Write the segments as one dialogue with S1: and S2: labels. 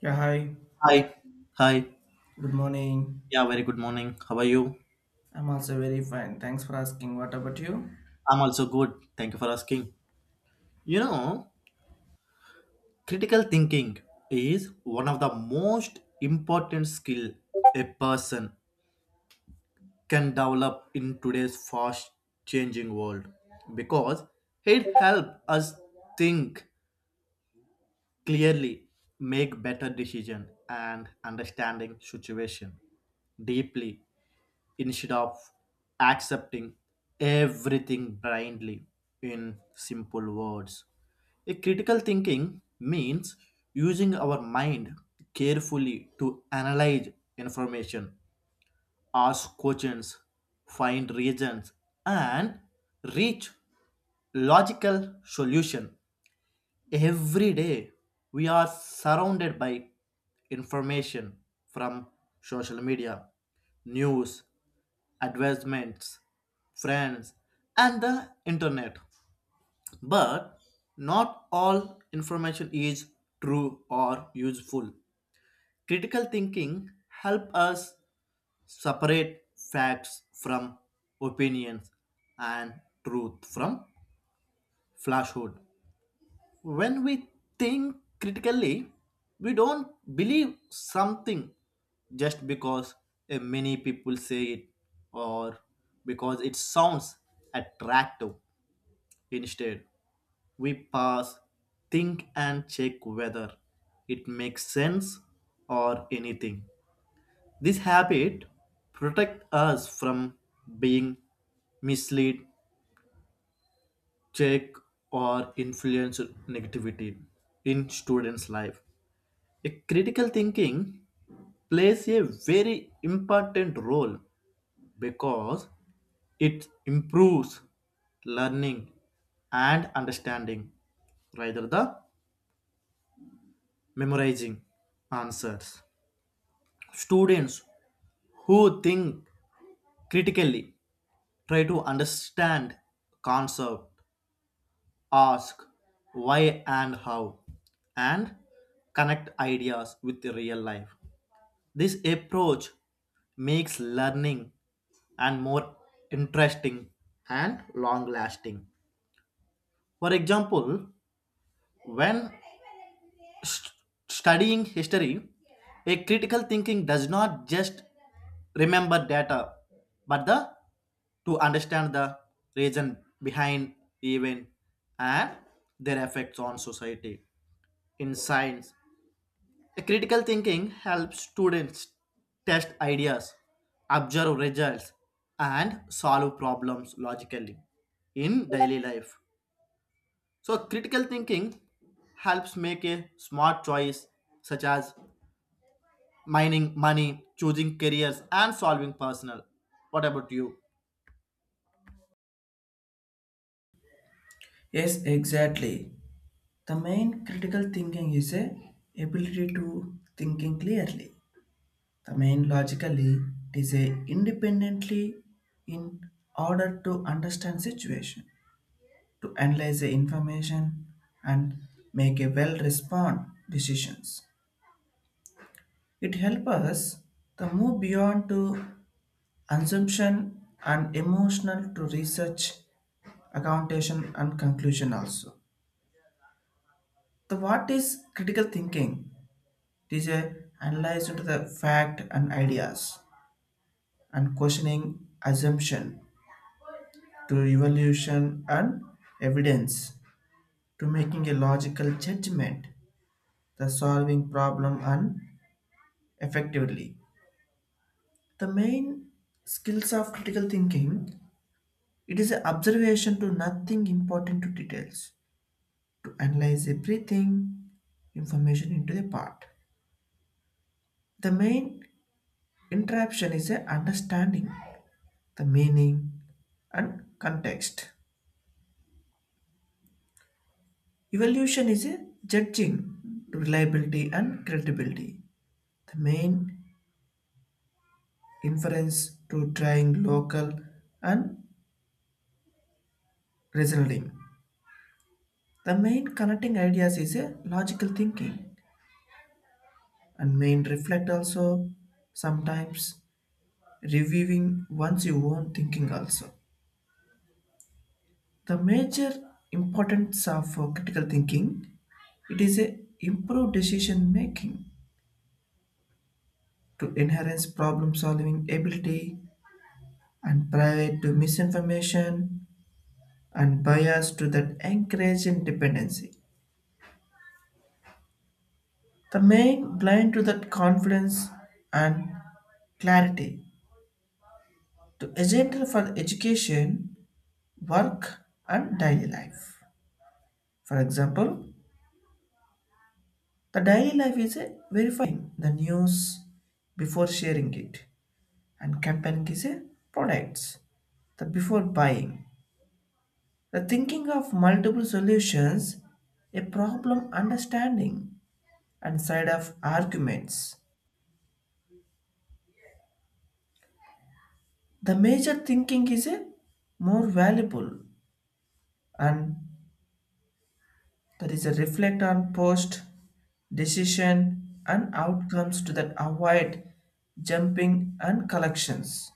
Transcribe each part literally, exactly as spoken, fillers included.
S1: Yeah, hi.
S2: Hi. Hi.
S1: Good morning.
S2: Yeah, very good morning. How are you?
S1: I'm also very fine. Thanks for asking. What about you?
S2: I'm also good. Thank you for asking. You know, critical thinking is one of the most important skill a person can develop in today's fast changing world because it helps us think clearly, make better decision and understanding situation deeply instead of accepting everything blindly in simple words. A critical thinking means using our mind carefully to analyze information, ask questions, find reasons, and reach logical solution. Every day we are surrounded by information from social media, news, advertisements, friends, and the internet. But not all information is true or useful. Critical thinking helps us separate facts from opinions and truth from falsehood. When we think critically, we don't believe something just because uh, many people say it or because it sounds attractive. Instead, we pause, think, and check whether it makes sense or anything. This habit protects us from being misled, checked, or influenced negativity in students' life. A critical thinking plays a very important role because it improves learning and understanding rather than memorizing answers. Students who think critically try to understand concept, ask why and how, and connect ideas with the real life. This approach makes learning and more interesting and long lasting. For example, when st- studying history, a critical thinking does not just remember data but the to understand the reason behind event and their effects on society. In science, critical thinking helps students test ideas, observe results, and solve problems logically in daily life. So, critical thinking helps make a smart choice, such as mining money, choosing careers, and solving personal. What about you?
S1: Yes, exactly. The main critical thinking is a ability to thinking clearly. The main logically it is a independently in order to understand situation, to analyze the information and make a well respond decisions. It helps us to move beyond to assumption and emotional to research accountation and conclusion also. The what is critical thinking, it is a analyze into the fact and ideas and questioning assumption to evaluation and evidence to making a logical judgment, the solving problem and effectively. The main skills of critical thinking, it is an observation to nothing important to details, to analyze everything, information into the part. The main interruption is a understanding the meaning and context. Evaluation is a judging reliability and credibility. The main inference to trying local and reasoning. The main connecting ideas is a logical thinking and main reflect also, sometimes reviewing once you own thinking also. The major importance of uh, critical thinking, it is a improved decision making to enhance problem solving ability and private to misinformation and bias to that encourage and dependency. The main blind to that confidence and clarity to agenda for education, work and daily life. For example, the daily life is a verifying the news before sharing it, and comparing is a products the before buying, the thinking of multiple solutions, a problem understanding and side of arguments. The major thinking is a more valuable, and that is a reflect on post decision and outcomes to that avoid jumping and collections.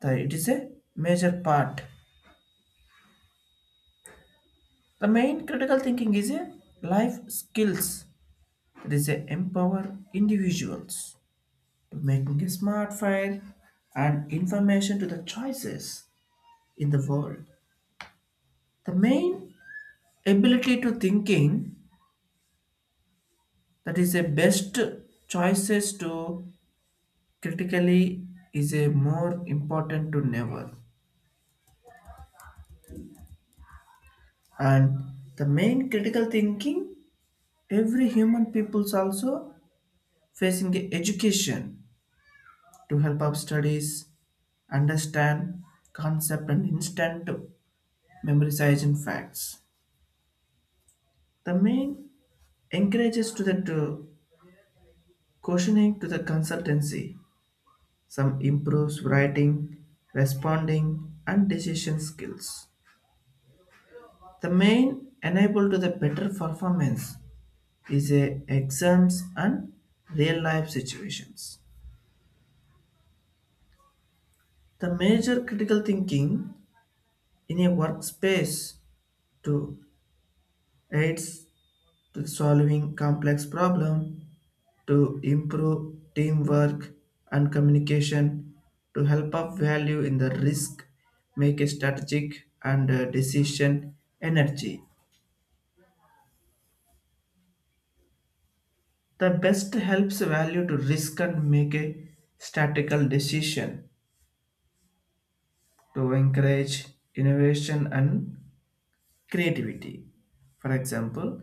S1: The, it is a major part. The main critical thinking is a life skills that is a empower individuals to making a smart file and information to the choices in the world. The main ability to thinking, that is a best choices to critically is a more important to never. And the main critical thinking, every human people's also facing the education to help up studies understand concept and instant memorization facts. The main encourages to the to questioning to the consultancy. Some improves writing, responding, and decision skills. The main enable to the better performance is a exams and real life situations. The major critical thinking in a workspace to aids to solving complex problem, to improve teamwork and communication, to help up value in the risk, make a strategic and uh, decision energy. The best helps value to risk and make a statical decision to encourage innovation and creativity. For example,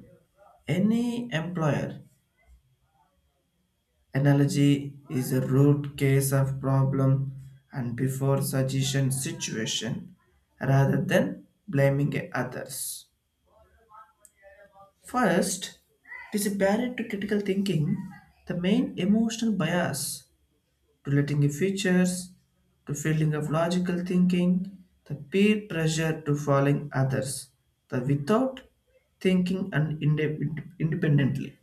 S1: any employer analogy is a root case of problem and before suggestion situation rather than blaming others. First, it is a barrier to critical thinking, the main emotional bias to letting in features, to failing of logical thinking, the peer pressure to following others, the without thinking and inde- independently.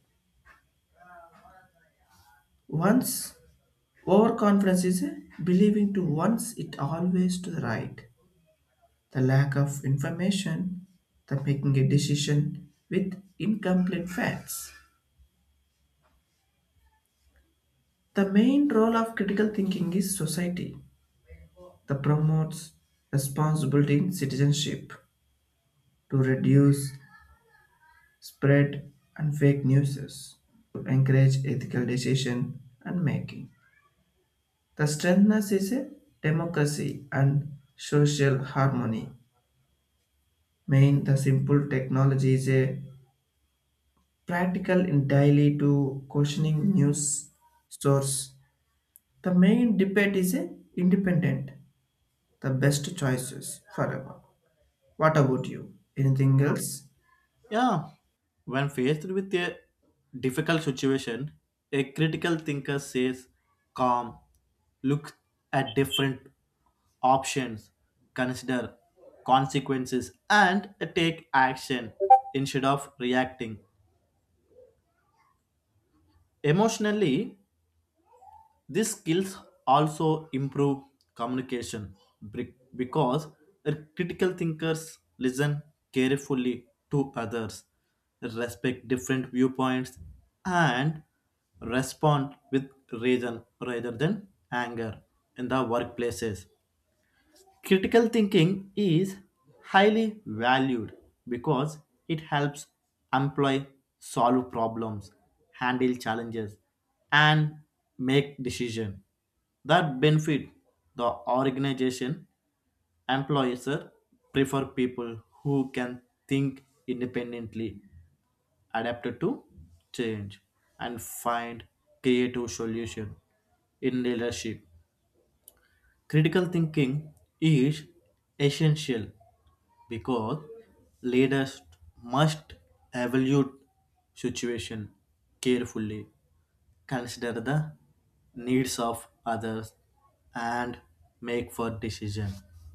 S1: Once overconfidence is believing to once it always to the right. The lack of information, the making a decision with incomplete facts. The main role of critical thinking is society that promotes responsibility in citizenship, to reduce spread and fake news, to encourage ethical decision and making. The strengthness is a democracy and social harmony. Main the simple technology is a practical entirely to questioning news source. The main debate is a independent, the best choices forever. What about you? Anything else?
S2: Yeah, when faced with a difficult situation, a critical thinker says, calm, look at different options, consider consequences, and take action instead of reacting. Emotionally, these skills also improve communication bec- because critical thinkers listen carefully to others, respect different viewpoints, and respond with reason rather than anger in the workplaces. Critical thinking is highly valued because it helps employ solve problems, handle challenges, and make decisions that benefit the organization. Employers prefer people who can think independently, adapt to change, and find creative solutions in leadership. Critical thinking is essential because leaders must evaluate situation carefully, consider the needs of others, and make for decision.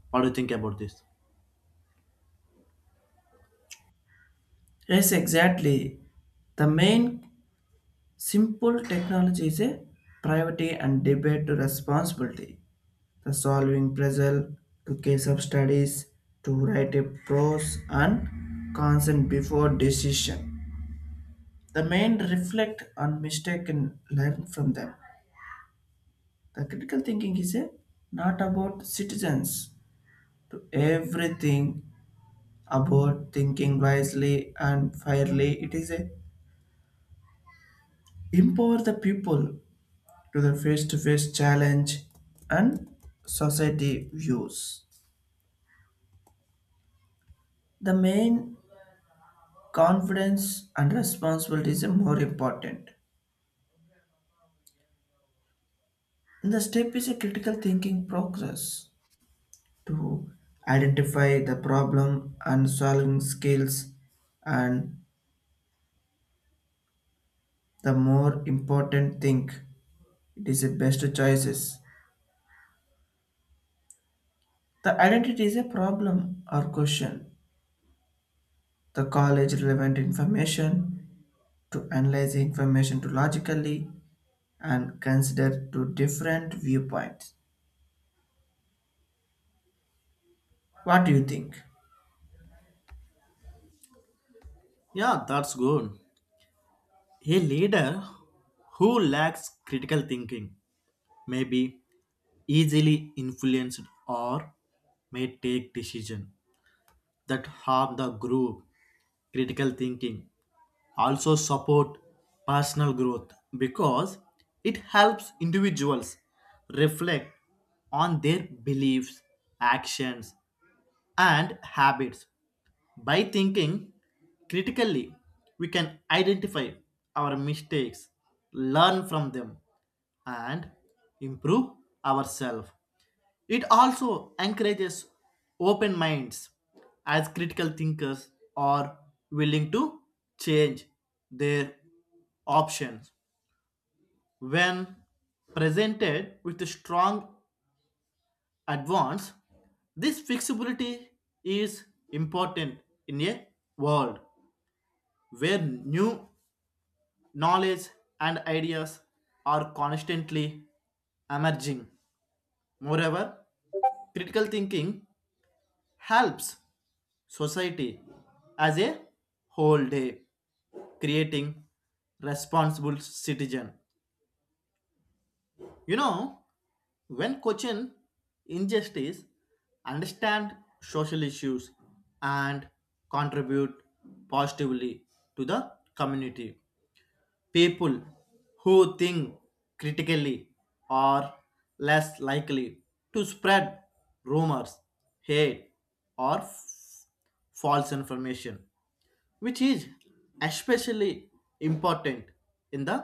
S2: What do you think about this?
S1: Yes, exactly. The main simple technology is a privacy and debate to responsibility. The solving puzzle to case of studies, to write a pros and cons and before decision. The main reflect on mistake and learn from them. The critical thinking is a, not about citizens to everything about thinking wisely and fairly. It is a empower the people to the face-to-face challenge and society views. The main confidence and responsibility is a more important. And the step is a critical thinking process to identify the problem and solving skills, and the more important thing, it is the best choices. The identity is a problem or question, the college relevant information to analyze the information to logically and consider two different viewpoints. What do you think?
S2: Yeah, that's good. A leader who lacks critical thinking may be easily influenced or may take decisions that harm the group. Critical thinking also support personal growth because it helps individuals reflect on their beliefs, actions, and habits. By thinking critically, we can identify our mistakes, learn from them, and improve ourselves. It also encourages open minds, as critical thinkers are willing to change their options. When presented with a strong advance, this flexibility is important in a world where new knowledge and ideas are constantly emerging. Moreover, critical thinking helps society as a whole day creating responsible citizen, you know, when question injustice, understand social issues, and contribute positively to the community. People who think critically are less likely to spread rumors, hate, or f- false information, which is especially important in the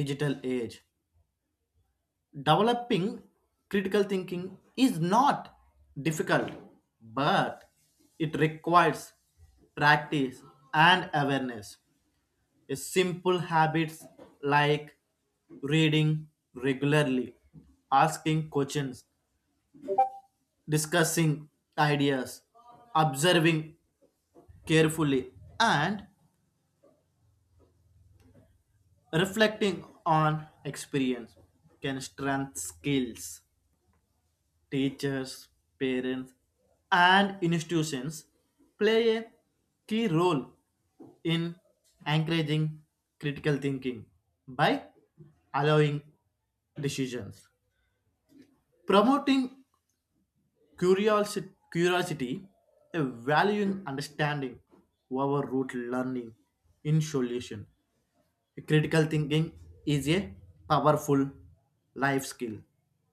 S2: digital age. Developing critical thinking is not difficult, but it requires practice and awareness. A simple habits like reading regularly, asking questions, discussing ideas, observing carefully, and reflecting on experience can strengthen skills. Teachers, parents, and institutions play a key role in encouraging critical thinking by allowing decisions, promoting curiosity, curiosity a valuing understanding over root learning in solution. Critical thinking is a powerful life skill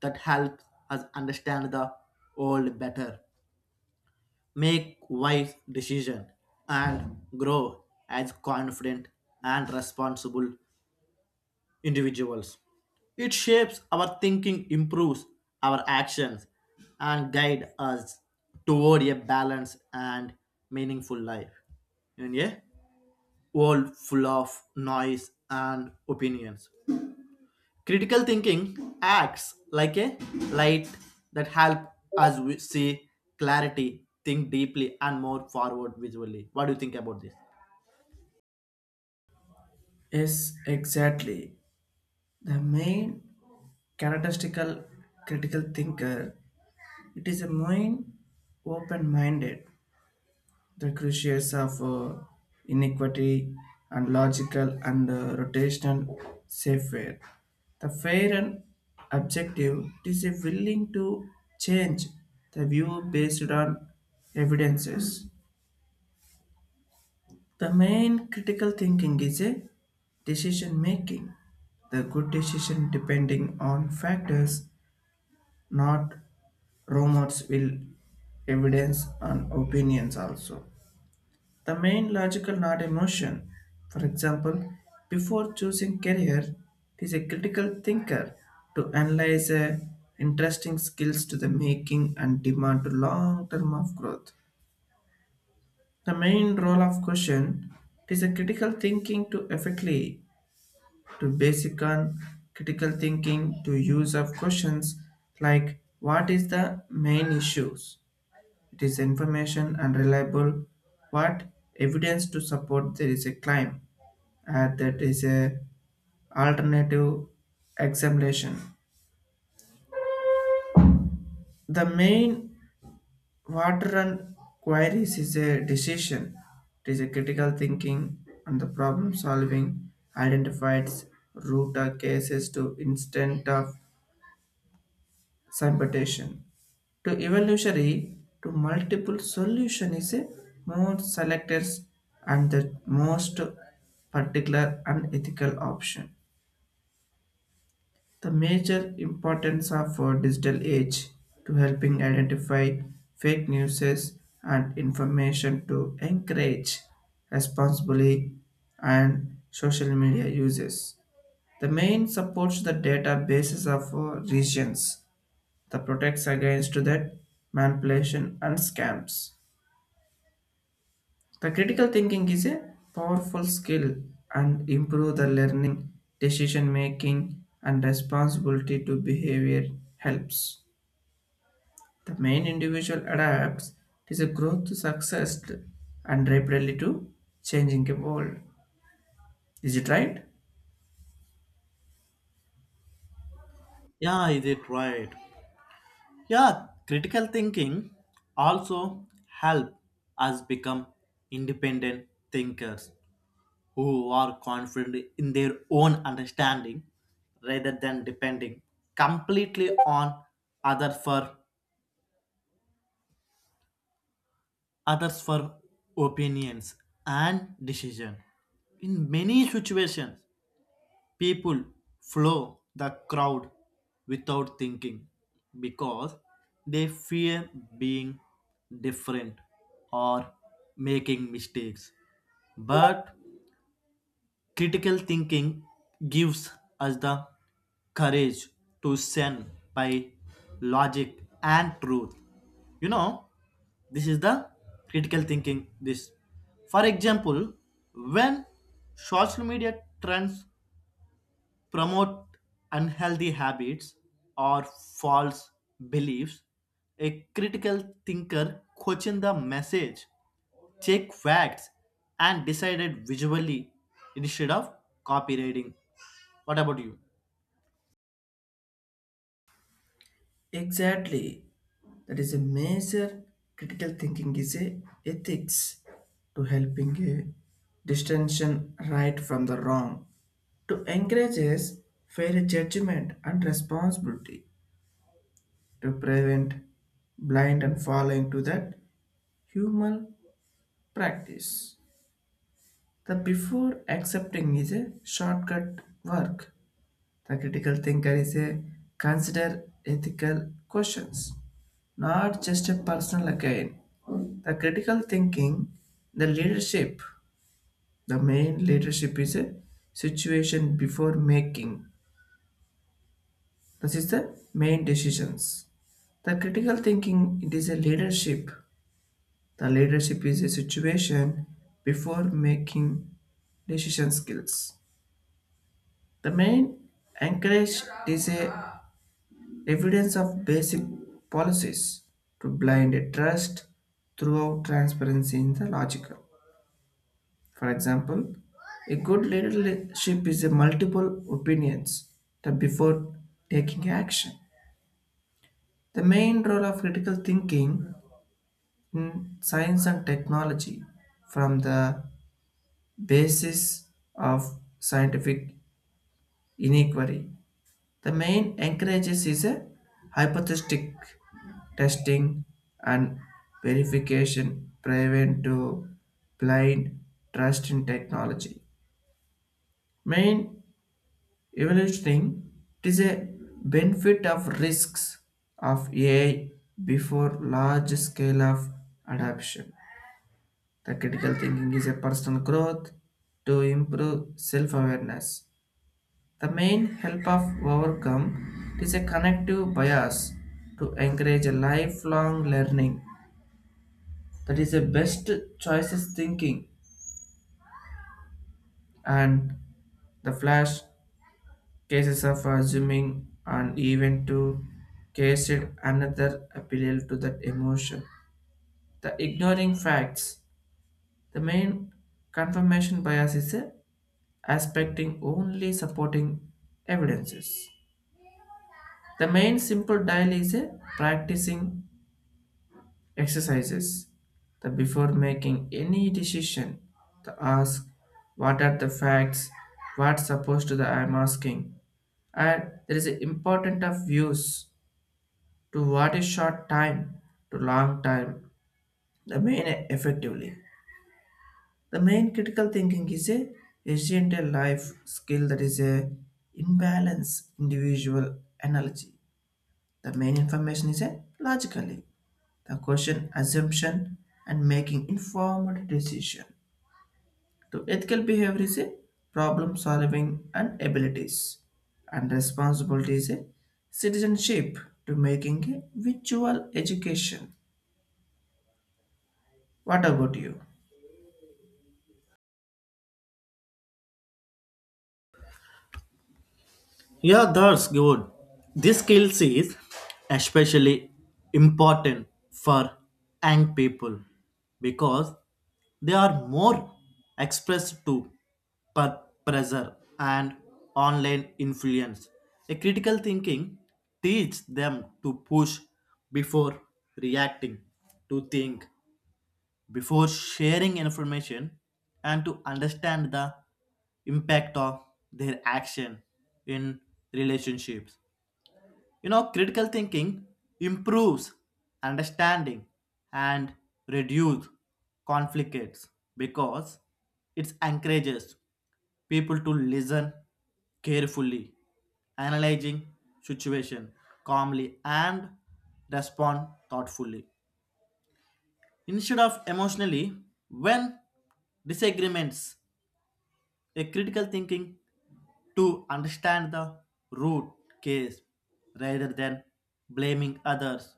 S2: that helps us understand the world better, make wise decisions, and grow as confident and responsible individuals. It shapes our thinking, improves our actions, and guides us toward a balanced and meaningful life in a world full of noise and opinions. Critical thinking acts like a light that help us we see clarity, think deeply, and more forward visually. What do you think about this?
S1: Yes, exactly. The main characteristical critical thinker, it is a main open-minded, the crucius of uh, inequity and logical and uh, rotational fair. The fair and objective is a willing to change the view based on evidences. The main critical thinking is a decision making. The good decision depending on factors, not rumors will evidence and opinions also. The main logical not emotion. For example, before choosing career, it is a critical thinker to analyze uh, interesting skills to the making and demand to long term of growth. The main role of question, it is a critical thinking to effectively to basic on critical thinking to use of questions like what is the main issues, it is information and reliable, what evidence to support there is a claim, uh, that is a alternative examination. The main water and queries is a decision. It is a critical thinking, and the problem solving identifies root or cases to instead of submutation. To evolutionary, to multiple solution is a more selectors and the most particular unethical option. The major importance of our digital age to helping identify fake news and information to encourage responsibly and social media uses. The main supports the databases of uh, regions that protects against that manipulation and scams. The critical thinking is a powerful skill and improve the learning, decision making and responsibility to behavior helps. The main individual adapts is a growth to success and rapidly to changing the world. Is it right?
S2: Yeah, is it right? Yeah, critical thinking also help us become independent thinkers who are confident in their own understanding rather than depending completely on others for others for opinions and decision. In many situations, people follow the crowd without thinking because they fear being different or making mistakes. Yeah. But critical thinking gives us the courage to stand by logic and truth. You know, this is the critical thinking. This, for example, when social media trends promote unhealthy habits or false beliefs, a critical thinker questions the message, check facts, and decided visually instead of copywriting. What about you?
S1: Exactly. That is a major critical thinking is a ethics to helping a distinction right from the wrong. To encourages fair judgment and responsibility to prevent blind and following to that human practice. The before accepting is a shortcut work. The critical thinker is a consider ethical questions, not just a personal gain. The critical thinking, the leadership, the main leadership is a situation before making. This is the main decisions. The critical thinking it is a leadership. The leadership is a situation before making decision skills. The main encourage is a evidence of basic policies to blind a trust throughout transparency in the logical. For example, a good leadership is a multiple opinions that before taking action. The main role of critical thinking in science and technology from the basis of scientific inquiry. The main encourages is a hypothetic testing and verification prevent to blind trust in technology. Main evaluating, it is a benefit of risks of A I before large scale of adoption. The critical thinking is a personal growth to improve self-awareness. The main help of overcome, it is a connective bias to encourage a lifelong learning, that is a best choices thinking, and the flash cases of assuming and even to case it another appeal to that emotion. The ignoring facts. The main confirmation bias is a aspecting only supporting evidences. The main simple dial is a practicing exercises, the before making any decision, the ask what are the facts, what's supposed to the I'm asking, and there is an important of views to what is short time to long time, the main effectively. The main critical thinking is a resilient life skill that is a imbalance individual analogy, the main information is a logically, the question assumption and making informed decision to ethical behavior is a problem solving and abilities and responsibility is a citizenship to making a virtual education. What about you?
S2: Yeah, that's good. This skill is especially important for young people because they are more expressed to per pressure and online influence. A critical thinking teaches them to push before reacting, to think before sharing information, and to understand the impact of their action in relationships. You know, critical thinking improves understanding and reduce conflicts because it encourages people to listen carefully, analyzing situation calmly and respond thoughtfully. Instead of emotionally, when disagreements, a critical thinking to understand the root case rather than blaming others,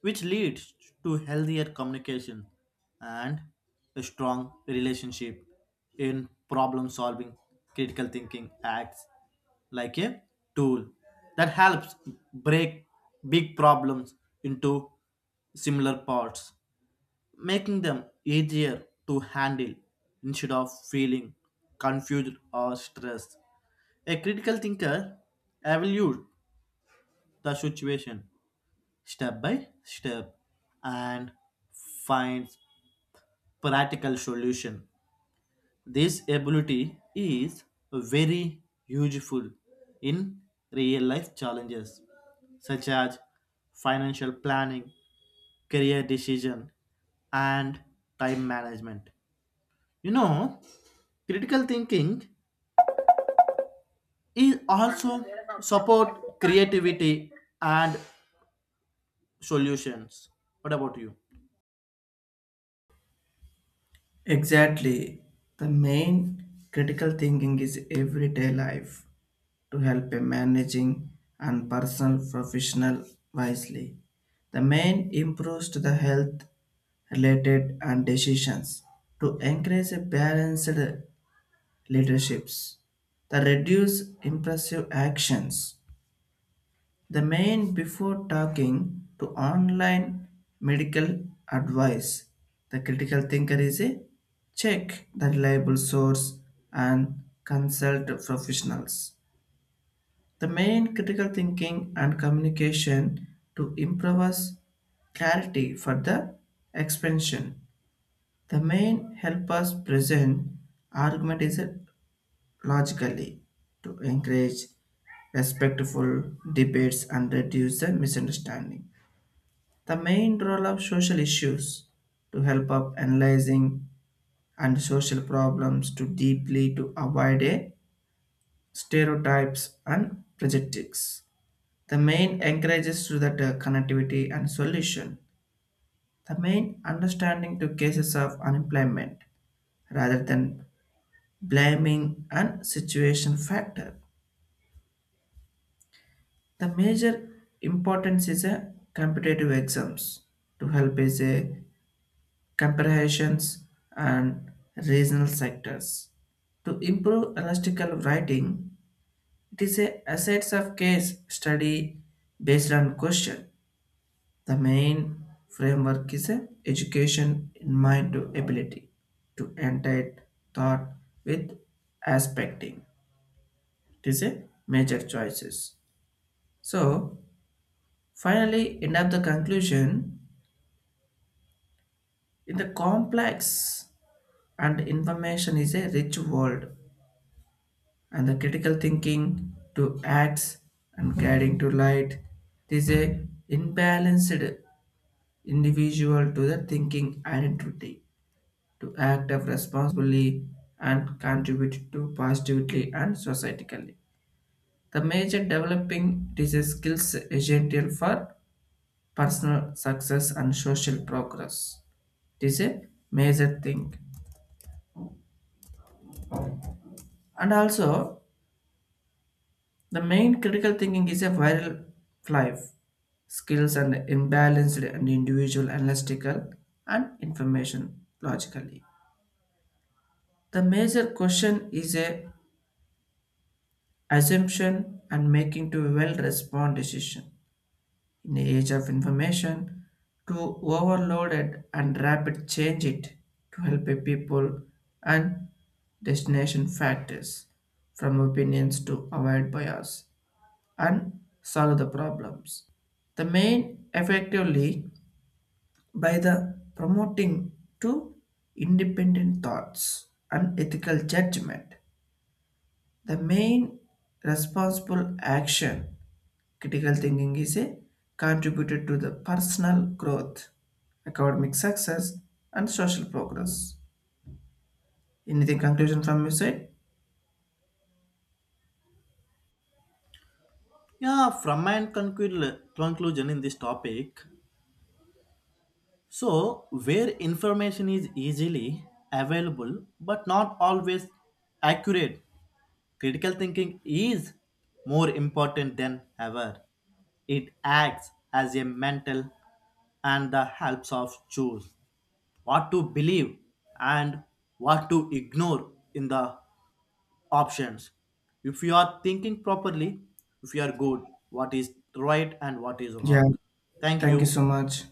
S2: which leads to healthier communication and a strong relationship in problem solving. Critical thinking acts like a tool that helps break big problems into similar parts, making them easier to handle instead of feeling confused or stressed. A critical thinker evaluates the situation step by step and finds practical solution. This ability is very useful in real life challenges such as financial planning, career decision, and time management. You know, critical thinking is also support creativity and solutions. What about you?
S1: Exactly. The main critical thinking is everyday life to help in managing and personal professional wisely. The main improves to the health related and decisions to encourage a balanced leaderships, the reduce impulsive actions, the main before talking to online medical advice. The critical thinker is a check the reliable source and consult professionals. The main critical thinking and communication to improve us clarity for the expansion. The main helper's present argument is logically to encourage respectful debates and reduce the misunderstanding. The main role of social issues to help up analyzing and social problems to deeply to avoid a stereotypes and prejudices. The main encourages to that uh, connectivity and solution. The main understanding to cases of unemployment rather than blaming and situation factor. The major importance is a competitive exams to help is a comparisons and regional sectors. To improve elastical writing, it is a assets of case study based on question. The main framework is a education in mind to ability to enter thought with aspecting. It is a major choices. So, finally, end up the conclusion in the complex and information is a rich world, and the critical thinking to acts and guiding to light. This is a imbalanced individual to the thinking identity to act of responsibly and contribute to positively and societally. The major developing, it is a skills essential for personal success and social progress. It is a major thing. And also, the main critical thinking is a viral life, skills and imbalanced and individual analytical and information logically. The major question is a assumption and making to well respond decision. In the age of information, to overloaded and rapid change it to help a people and destination factors from opinions to avoid bias and solve the problems. The main effectively by the promoting to independent thoughts and ethical judgment. The main responsible action, critical thinking is a contributor to the personal growth, academic success, and social progress. Anything conclusion from your side?
S2: Yeah, from my conclu- conclusion in this topic, so where information is easily available but not always accurate, critical thinking is more important than ever. It acts as a mental and the helps of choose what to believe and what to ignore in the options. If you are thinking properly, if you are good, what is right and what is
S1: Yeah,
S2: wrong. Thank
S1: thank
S2: you.
S1: you so much.